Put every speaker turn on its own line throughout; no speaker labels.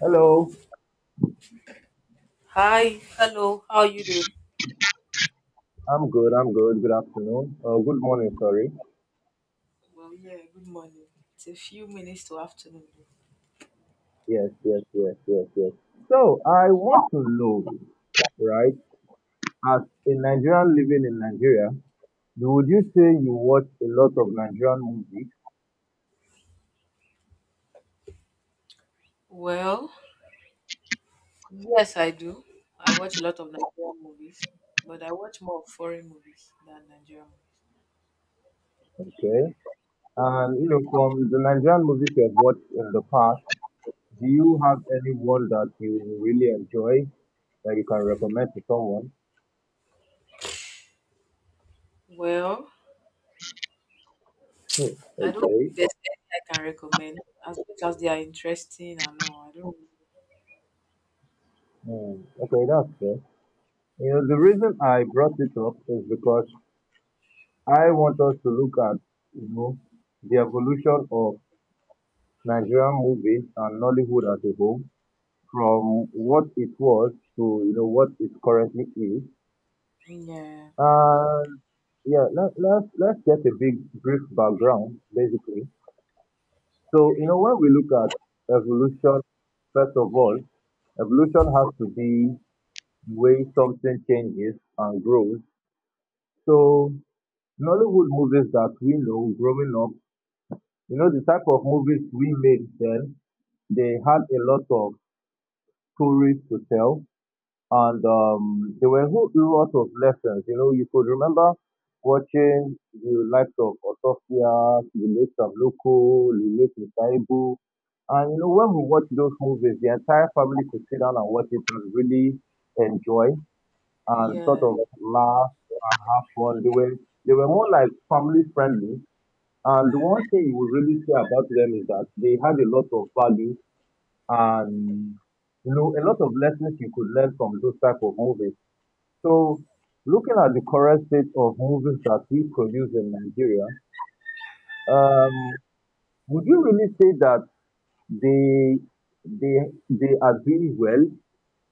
Hello.
Hi, hello, how are you doing?
I'm good. I'm good. Good afternoon. Good morning. Sorry.
Well, yeah, good morning. It's a few minutes to afternoon.
Yes, yes, yes, yes, yes. So I want to know, right? As a Nigerian living in Nigeria, would you say you watch a lot of Nigerian movies?
Well, yes, I do. I watch a lot of Nigerian movies, but I watch more of foreign movies than Nigerian movies.
Okay. And you know, from the Nigerian movies you have watched in the past, do you have any one that you really enjoy that you can recommend to someone?
Well,
Hmm.
I don't
Okay.
think there's any I can recommend as much as they are interesting and all. I don't,
Hmm. Okay, that's fair. You know, the reason I brought it up is because I want us to look at, you know, the evolution of Nigerian movies and Nollywood as a whole, from what it was to, you know, what it currently is.
yeah,
And yeah, let's get a big brief background basically. So you know when we look at evolution, first of all, evolution has to be the way something changes and grows. So Nollywood movies that we know growing up, you know the type of movies we made then, they had a lot of stories to tell, and there were a whole lot of lessons. You know, you could remember watching the likes of Otofia, the late Samloko, the late Musaibu. And you know, when we watch those movies, the entire family could sit down and watch it and really enjoy and sort
yeah.
of laugh and have fun. They were more like family friendly. And the one thing you would really say about them is that they had a lot of value and you know a lot of lessons you could learn from those type of movies. So looking at the current state of movies that we produce in Nigeria, um, would you really say that they they are doing well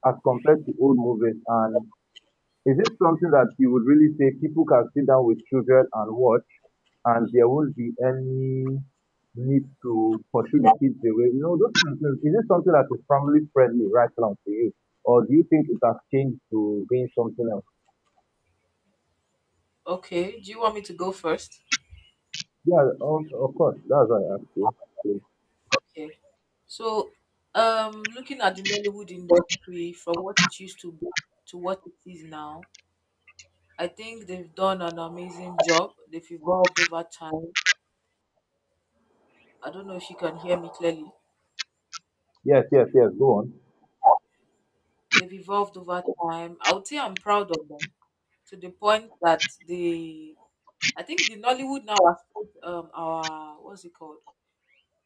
as compared to old movies? And is it something that you would really say people can sit down with children and watch, and there won't be any need to pursue the kids away? You know, those kind of things. Is it something that is family friendly right now to you, or do you think it has changed to being something else?
Okay, do you want me to go first?
Yeah, of course. That's what I asked you.
Okay. So, looking at the Nollywood industry from what it used to be to what it is now, I think they've done an amazing job. They've evolved over time. I don't know if you can hear me clearly.
Yes, yes, yes. Go on.
They've evolved over time. I would say I'm proud of them to the point that the I think the Nollywood now has put our, what's it called,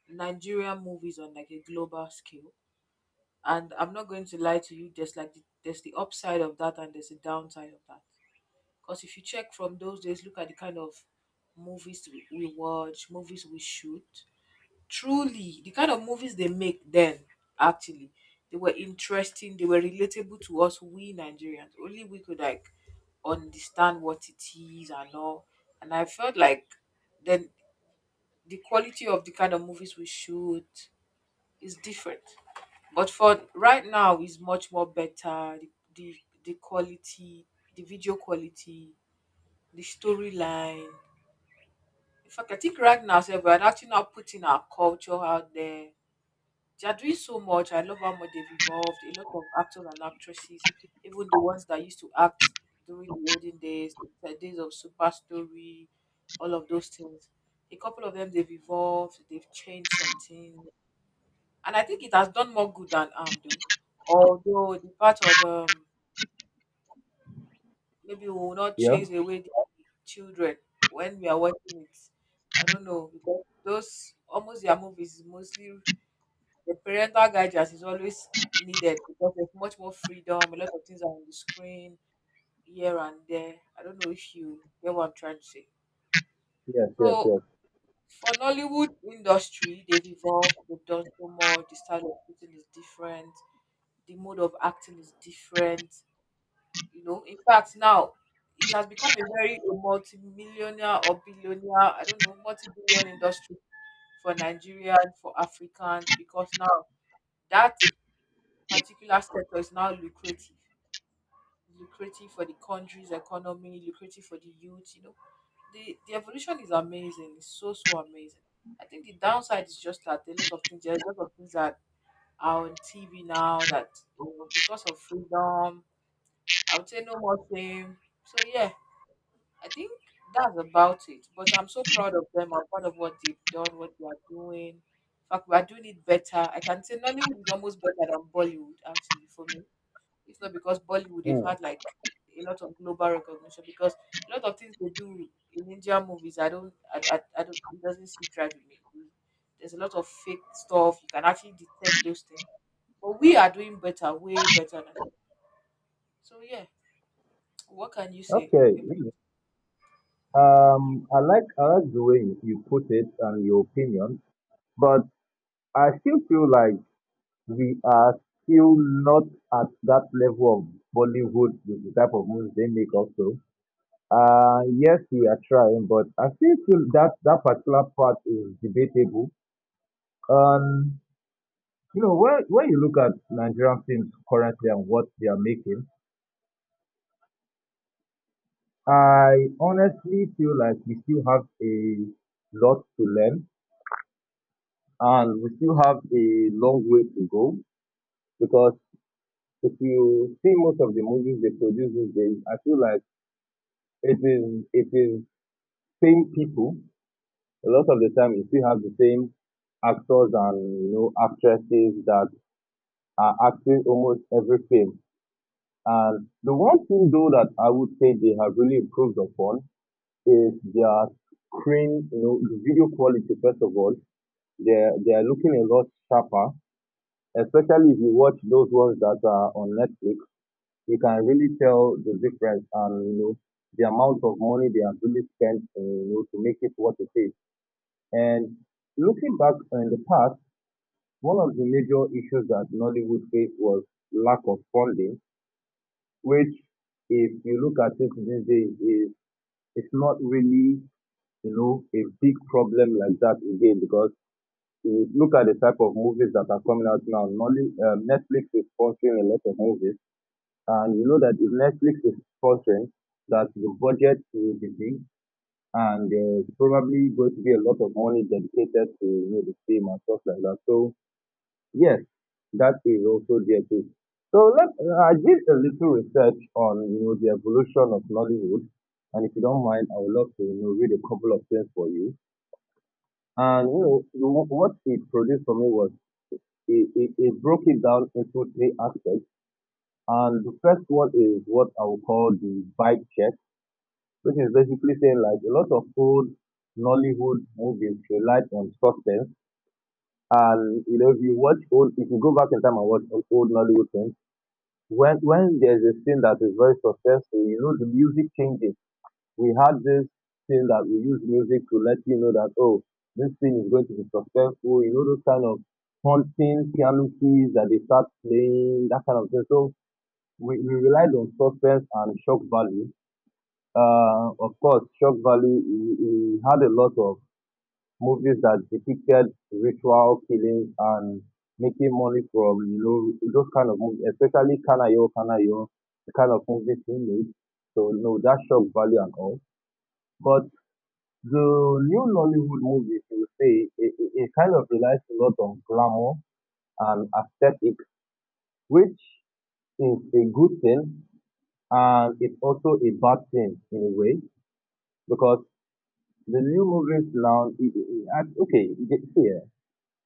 Nigerian movies on like a global scale. And I'm not going to lie to you. There's the upside of that, and there's the downside of that. Because if you check from those days, look at the kind of movies we watch, movies we shoot. Truly, the kind of movies they make then, actually, they were interesting, they were relatable to us, we Nigerians. Only we could like understand what it is and all. And I felt like then the quality of the kind of movies we shoot is different. But for right now is much more better. The quality, the video quality, the storyline. In fact, I think right now, sef, we're actually not putting our culture out there. They are doing so much. I love how much they've evolved. A lot of actors and actresses, even the ones that used to act during the olden days, the days of Super Story, all of those things. A couple of them, they've evolved, they've changed some things, and I think it has done more good than harm, though. Although the part of, maybe we will not
Yeah.
chase away the children when we are watching it. I don't know, because those almost their movies is mostly the parental guidance is always needed, because there's much more freedom. A lot of things are on the screen here and there. I don't know if you get what I'm trying to say.
Yes, yes,
So
yes.
for Nollywood industry, they've evolved. They've done so much. The style of shooting is different. The mode of acting is different. You know, in fact, now it has become a multi-millionaire or billionaire. I don't know, multi-billion industry for Nigerians, for Africans, because now that particular sector is now lucrative for the country's economy, lucrative for the youth. You know, the evolution is amazing. It's so so amazing. I think the downside is just that a lot of things, there are a lot of things that are on TV now that, you know, because of freedom, I would say no more shame. So yeah, I think that's about it. But I'm so proud of them. I'm proud of what they've done, what they are doing. In fact, we are doing it better. I can say Nollywood is almost better than Bollywood. Actually, for me, it's not, because Bollywood, they've
Mm.
had like a lot of global recognition. Because a lot of things they do in Indian movies, I don't, it doesn't sit right with me. There's a lot of fake stuff. You can actually detect those things. But we are doing better, way better now. So yeah, what can you say
Okay.
about?
Mm. I like the way you put it and your opinion, but I still feel like we are still not at that level of Bollywood with the type of movies they make also. Yes, we are trying, but I still feel that that particular part is debatable. Um, you know, when you look at Nigerian films currently and what they are making, I honestly feel like we still have a lot to learn and we still have a long way to go because if you see most of the movies they produce these days, I feel like it is same people. A lot of the time, you still have the same actors and you know actresses that are acting almost every film. And the one thing though that I would say they have really improved upon is their screen, you know, the video quality. First of all, they they are looking a lot sharper, especially if you watch those ones that are on Netflix. You can really tell the difference, and you know the amount of money they have really spent, you know, to make it what it is. And looking back in the past, one of the major issues that Nollywood faced was lack of funding, which, if you look at it these days, is it's not really you know a big problem like that again because if you look at the type of movies that are coming out now. Netflix is sponsoring a lot of movies, and you know that if Netflix is sponsoring, that the budget will be big, and there's probably going to be a lot of money dedicated to you know, the film and stuff like that. So yes, that is also there too. So let I did a little research on you know the evolution of Nollywood, and if you don't mind, I would love to you know read a couple of things for you. And you know what it produced for me was it broke it down into three aspects, and the first one is what I would call the vibe check, which is basically saying like a lot of old Nollywood movies relied on suspense, and you know if you watch old, if you go back in time and watch old Nollywood films when there's a thing that is very successful, you know, the music changes. We had this thing that we use music to let you know that oh, this thing is going to be successful. You know, those kind of haunting piano keys that they start playing, that kind of thing. So we relied on suspense and shock value. Of course, shock value we had a lot of movies that depicted ritual killings and making money from you know those kind of movies, especially Kanayo Kanayo, the kind of movies he made. So you know that shock value and all. But the new Nollywood movies, you would say, it kind of relies a lot on glamour and aesthetic, which is a good thing and it's also a bad thing in a way because the new movies now, okay, see,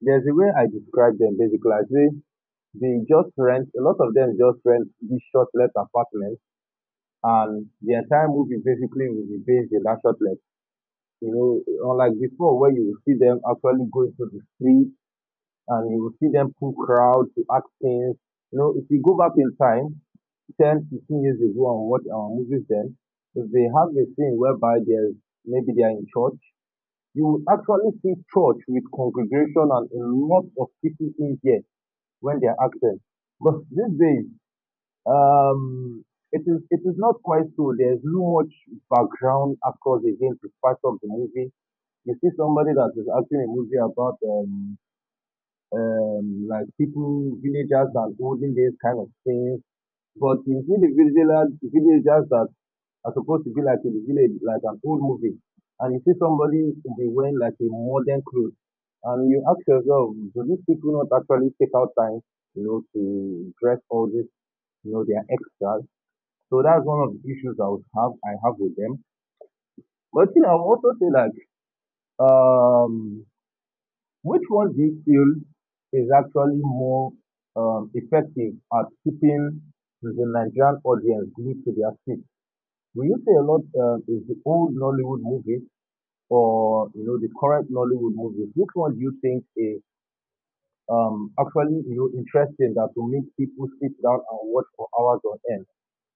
there's a way I describe them basically. I say a lot of them just rent these short let apartments and the entire movie basically will be based in that short let. You know, unlike before where you will see them actually going to the street and you will see them pull crowds to act things. You know, if you go back in time, 10, 15 years ago and watch our movies then, if they have a scene whereby there's maybe they are in church, you will actually see church with congregation and a lot of people in there when they are acting. But these days, um, it is not quite so. There's no much background actors again to part of the movie. You see somebody that is acting a movie about like people villagers and olden these kind of things. But you see the villagers that are supposed to be like in the village, like an old movie. And you see somebody to be wearing like a modern clothes. And you ask yourself, do these people not actually take out time, you know, to dress all this, you know, their extras? So that's one of the issues I have with them. But you know, I would also say like, um, which one do you feel is actually more effective at keeping the Nigerian audience glued to their seat? Will you say a lot is the old Nollywood movies or you know the current Nollywood movies, which one do you think is actually you know interesting that will make people sit down and watch for hours on end?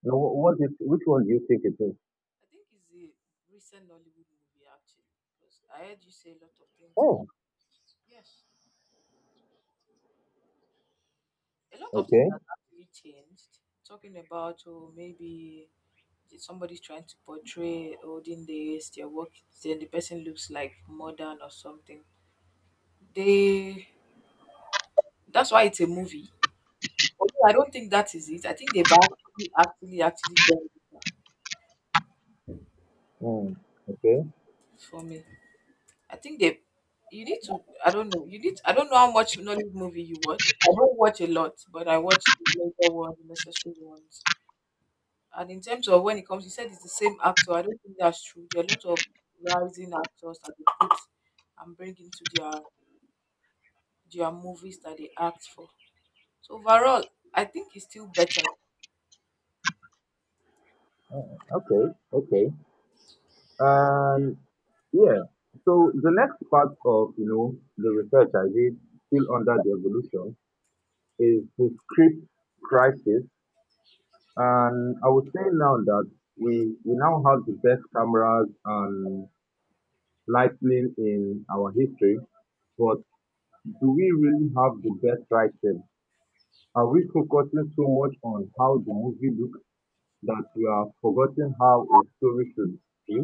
You know, wh- what is which one do you think it is?
I think it's the recent Nollywood movie, actually, because I heard you say a lot of things
Oh,
about, yes, a lot of things
okay,
that have actually changed. Talking about, oh, maybe somebody's trying to portray holding the their work, then the person looks like modern or something. They, that's why it's a movie. Although I don't think that is it. I think they've actually done it.
mm, okay,
For me, I think they, you need to, I don't know, you need, I don't know how much knowledge movie you watch. I don't watch a lot, but I watch the later ones, the necessary ones. And in terms of when it comes, you said it's the same actor. I don't think that's true. There are a lot of rising actors that they put and bring into their there movies that they act for. So overall, I think it's still better.
okay, okay, and yeah. So the next part of you know the research I did still under the evolution is the script crisis, and I would say now that we now have the best cameras and lightning in our history, but do we really have the best writing? Are we focusing so much on how the movie looks that we are forgotten how a story should be?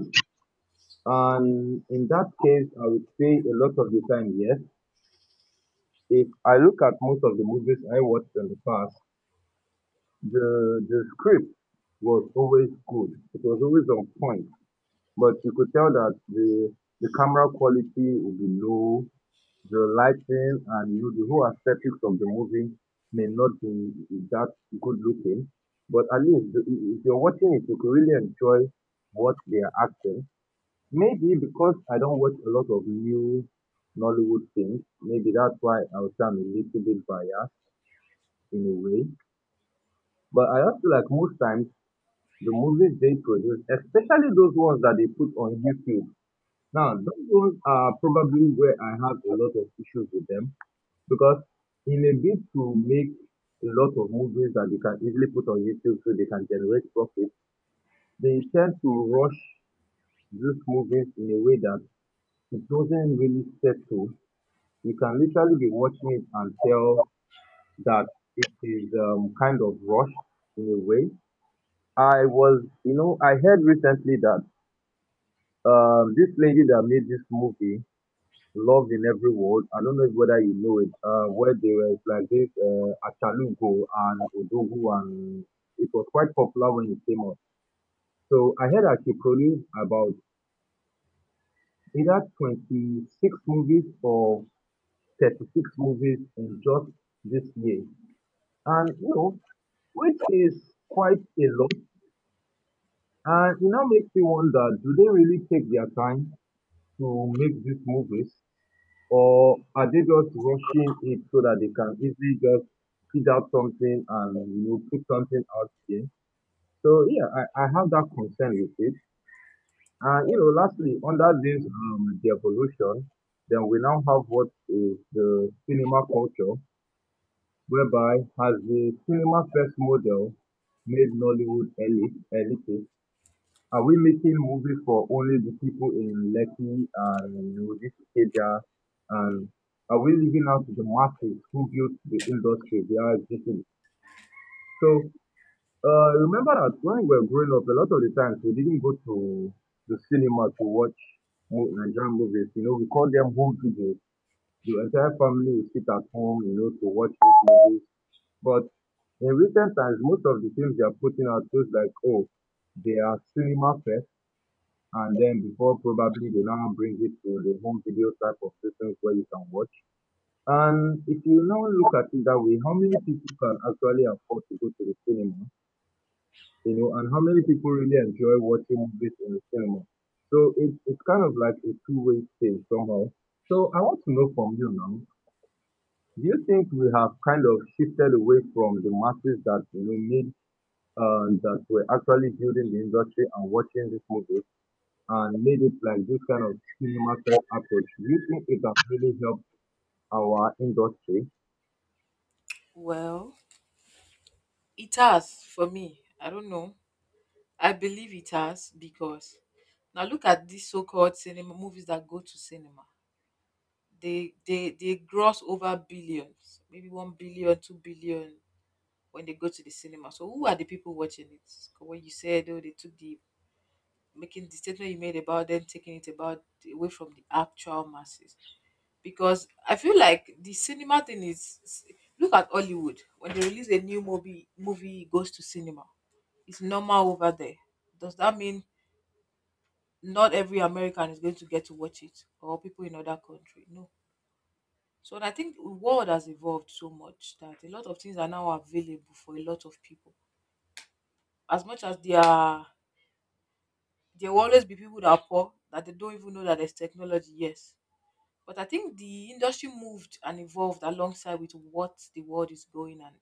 And in that case, I would say a lot of the time, yes. If I look at most of the movies I watched in the past, the script was always good. It was always on point, but you could tell that the camera quality would be low, the lighting and you know the whole aesthetics of the movie may not be that good looking, but at least if you're watching it, you could really enjoy what they are acting. Maybe because I don't watch a lot of new Nollywood things, maybe that's why I would say I'm a little bit biased in a way. But I also like most times the movies they produce, especially those ones that they put on YouTube. Now, those ones are probably where I have a lot of issues with them because in a bid to make a lot of movies that they can easily put on YouTube so they can generate profit, they tend to rush these movies in a way that it doesn't really settle. You can literally be watching it and tell that it is kind of rushed in a way. I was, you know, I heard recently that this lady that made this movie Love in Every Word. I don't know whether you know it, where they were like this, Achalugo and Odogu, and it was quite popular when it came out. So I heard that she produced about either 26 movies or 36 movies in just this year. And, you know, which is quite a lot. And it now makes me wonder, do they really take their time to make these movies? Or are they just rushing it so that they can easily just feed out something and put something out there? So yeah, I have that concern with it. And you know, lastly, under this the evolution, then we now have what is the cinema culture, whereby has the cinema first model made Nollywood elite? Are we making movies for only the people in Lekki and, you know, this area? And are we leaving out the masses who built the industry they are existing? So remember that when we were growing up, a lot of the times we didn't go to the cinema to watch Nigerian movies. You know, we called them home videos. The entire family would sit at home, you know, to watch these movies. But in recent times, most of the films they are putting out feels like, oh, they are cinema first and then before probably they now bring it to the home video type of systems where you can watch. And if you now look at it that way, how many people can actually afford to go to the cinema, you know, and how many people really enjoy watching movies in the cinema? So it's kind of like a two-way thing somehow. So I want to know from you now, do you think we have kind of shifted away from the masses that you know made that were actually building the industry and watching these movies? And made it like this kind of cinema first approach, do you think it has really helped our industry?
Well, it has, for me. I don't know. I believe it has, because now look at these so-called cinema movies that go to cinema. They gross over billions, maybe 1 billion, 2 billion when they go to the cinema. So who are the people watching it? 'Cause when you said, oh, they took the, making the statement you made about them taking it, about away from the actual masses. Because I feel like the cinema thing is, look at Hollywood, when they release a new movie, movie goes to cinema. It's normal over there. Does that mean not every American is going to get to watch it, or people in other country? No. So I think the world has evolved so much that a lot of things are now available for a lot of people. As much as there are, there will always be people that are poor, that they don't even know that there's technology, yes. But I think the industry moved and evolved alongside with what the world is going, and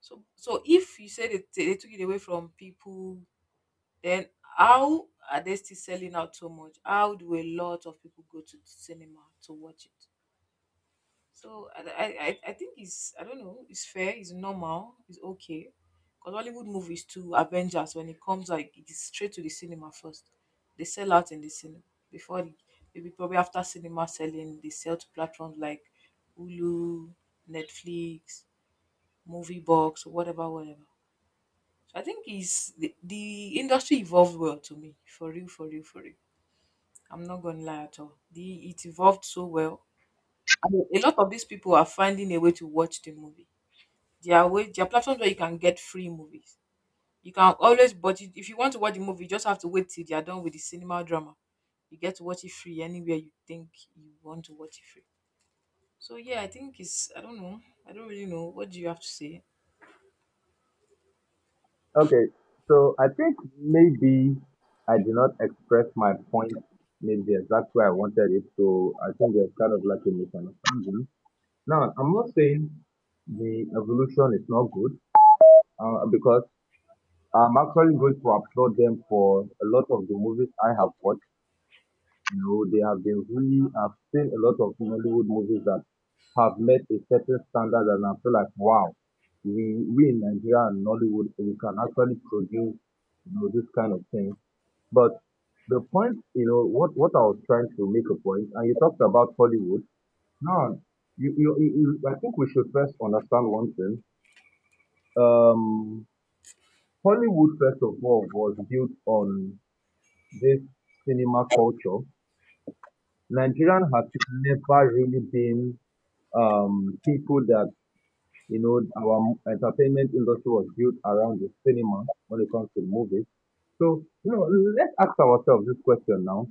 so, if you said it, they took it away from people, then how are they still selling out so much? How do a lot of people go to the cinema to watch it? So I think it's, I don't know, it's fair, it's normal, it's okay. Because Hollywood movies too, Avengers, when it comes, like, it is straight to the cinema first. They sell out in the cinema before the, maybe probably after cinema selling, they sell to platforms like Hulu, Netflix, Movie Box, whatever, whatever. So I think the industry evolved well, to me. For real, for real, for real. I'm not gonna lie at all. The it evolved so well. I mean, a lot of these people are finding a way to watch the movie. There are platforms where you can get free movies. You can always but you- If you want to watch the movie, you just have to wait till they are done with the cinema drama. You get to watch it free anywhere you think you want to watch it free. So yeah, I think it's, I don't know. I don't really know. What do you have to say?
Okay, so I think maybe I did not express my point maybe the exact way I wanted it, so I think there's kind of like a misunderstanding. Now, I'm not saying the evolution is not good, because I'm actually going to applaud them for a lot of the movies I have watched. No, they have been really. I've seen a lot of Hollywood movies that have met a certain standard, and I feel like, wow, we in Nigeria and Nollywood we can actually produce you know this kind of thing. But the point, you know, what I was trying to make a point, and you talked about Hollywood. Now, you you, you I think we should first understand one thing. Um, Hollywood, first of all, was built on this cinema culture. Nigerian has never really been people that you know our entertainment industry was built around the cinema when it comes to movies. So you know, let's ask ourselves this question now: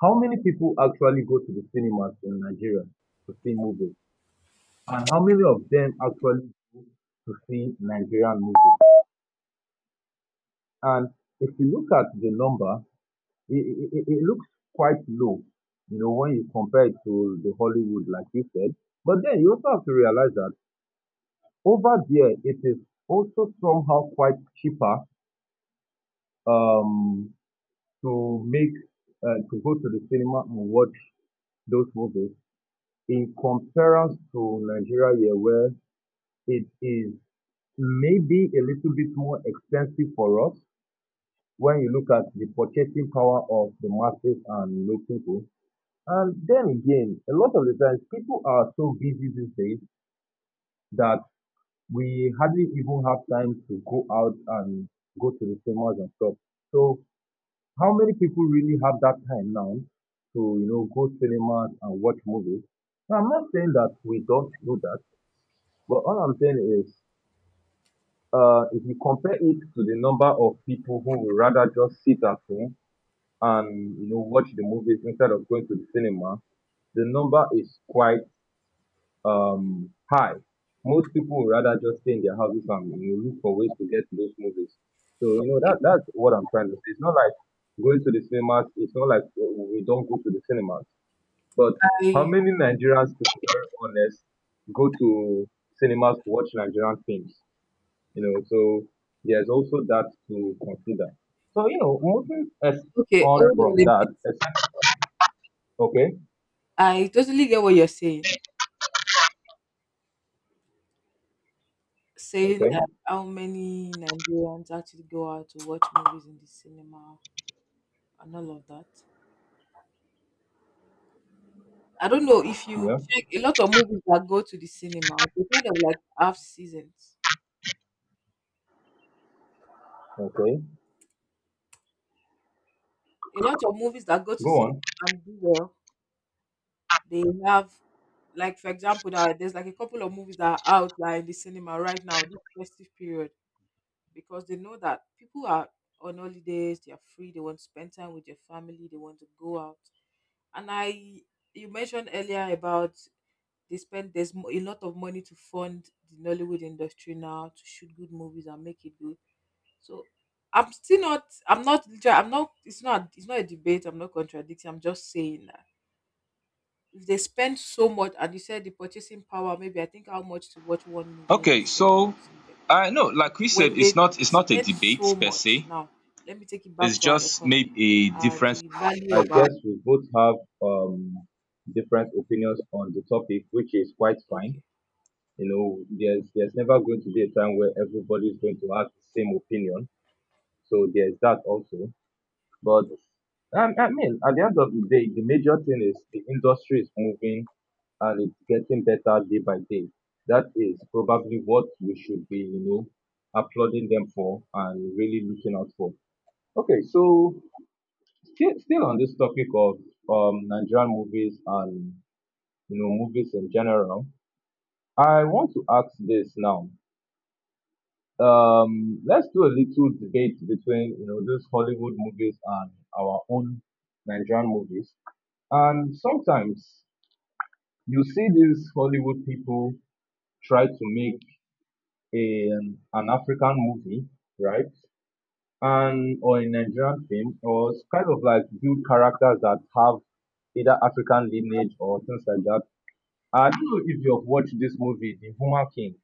how many people actually go to the cinemas in Nigeria to see movies, and how many of them actually to see Nigerian movies? And if you look at the number, it looks quite low, you know, when you compare it to the Hollywood, like you said. But then you also have to realize that over there it is also somehow quite cheaper, um, to make to go to the cinema and watch those movies in comparison to Nigeria here where it is maybe a little bit more expensive for us when you look at the purchasing power of the masses and low people. And then again, a lot of the times people are so busy these days that we hardly even have time to go out and go to the cinemas and stuff. So how many people really have that time now to, you know, go cinemas and watch movies? Now, I'm not saying that we don't do that, but all I'm saying is, if you compare it to the number of people who would rather just sit at home and, you know, watch the movies instead of going to the cinema, the number is quite high. Most people would rather just stay in their houses and, you know, look for ways to get to those movies. So you know that's what I'm trying to say. It's not like going to the cinemas. It's not like we don't go to the cinemas. But how
I,
many Nigerians, to be very honest, go to cinemas to watch Nigerian films? You know, so there's also that to consider. So you know, moving as
okay,
on
hold on
from
a
that,
bit.
as- okay,
I totally get what you're saying,
okay,
that how many Nigerians actually go out to watch movies in the cinema and all of that. I don't know if you
yeah,
check, a lot of movies that go to the cinema, they kind of like have seasons.
okay,
A lot of movies that go to
go
cinema
on.
and do well, they have, like, for example, that there's like a couple of movies that are out, like, in the cinema right now, this festive period, because they know that people are on holidays, they are free, they want to spend time with their family, they want to go out. And I you mentioned earlier about they spend, there's a lot of money to fund the Nollywood industry now to shoot good movies and make it good. So I'm still not. I'm not. Liter- I'm not. It's not a debate. I'm not contradicting. I'm just saying that if they spend so much, and you said the purchasing power, maybe I think how much to watch one movie in the
Okay,
cinema
so
or something.
I know, like we said,
When they
it's not a
spend
debate
so
per
much,
se.
now let me take it back
It's
to our
just
economy.
maybe a difference.
The value
I
of our,
guess we both have um different opinions on the topic, which is quite fine.
okay.
You know, there's never going to be a time where everybody is going to have the same opinion. So there's that also. But I mean, at the end of the day, the major thing is the industry is moving and it's getting better day by day. That is probably what we should be, you know, applauding them for and really looking out for. Okay, so still on this topic of Nigerian movies and you know movies in general, I want to ask this now. Let's do a little debate between you know those Hollywood movies and our own Nigerian movies. And sometimes you see these Hollywood people try to make in an African movie, right? And or a Nigerian film, or kind of like build characters that have either African lineage or things like that. I don't know if you've watched this movie, The Human King.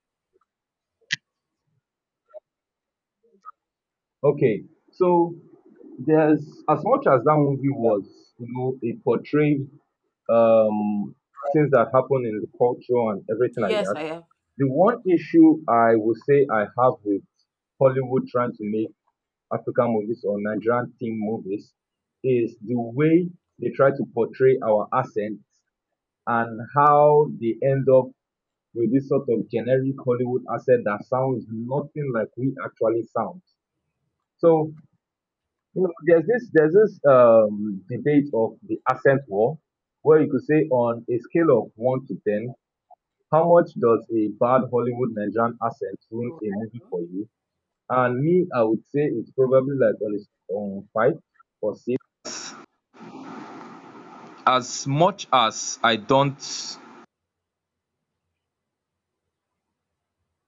Okay, so there's as much as that movie was, you know, it portrayed um things that happen in the culture and everything like
Yes,
that.
I have.
The one issue I would say I have with Hollywood trying to make African movies or Nigerian team movies is the way they try to portray our accent and how they end up with this sort of generic Hollywood accent that sounds nothing like we actually sound. So, you know, there's this debate of the accent war, where you could say on a scale of 1 to 10, how much does a bad Hollywood Nigerian accent ruin
Oh.
a movie for you? And me, I would say it's probably like on, on 5 or 6 as much as I don't.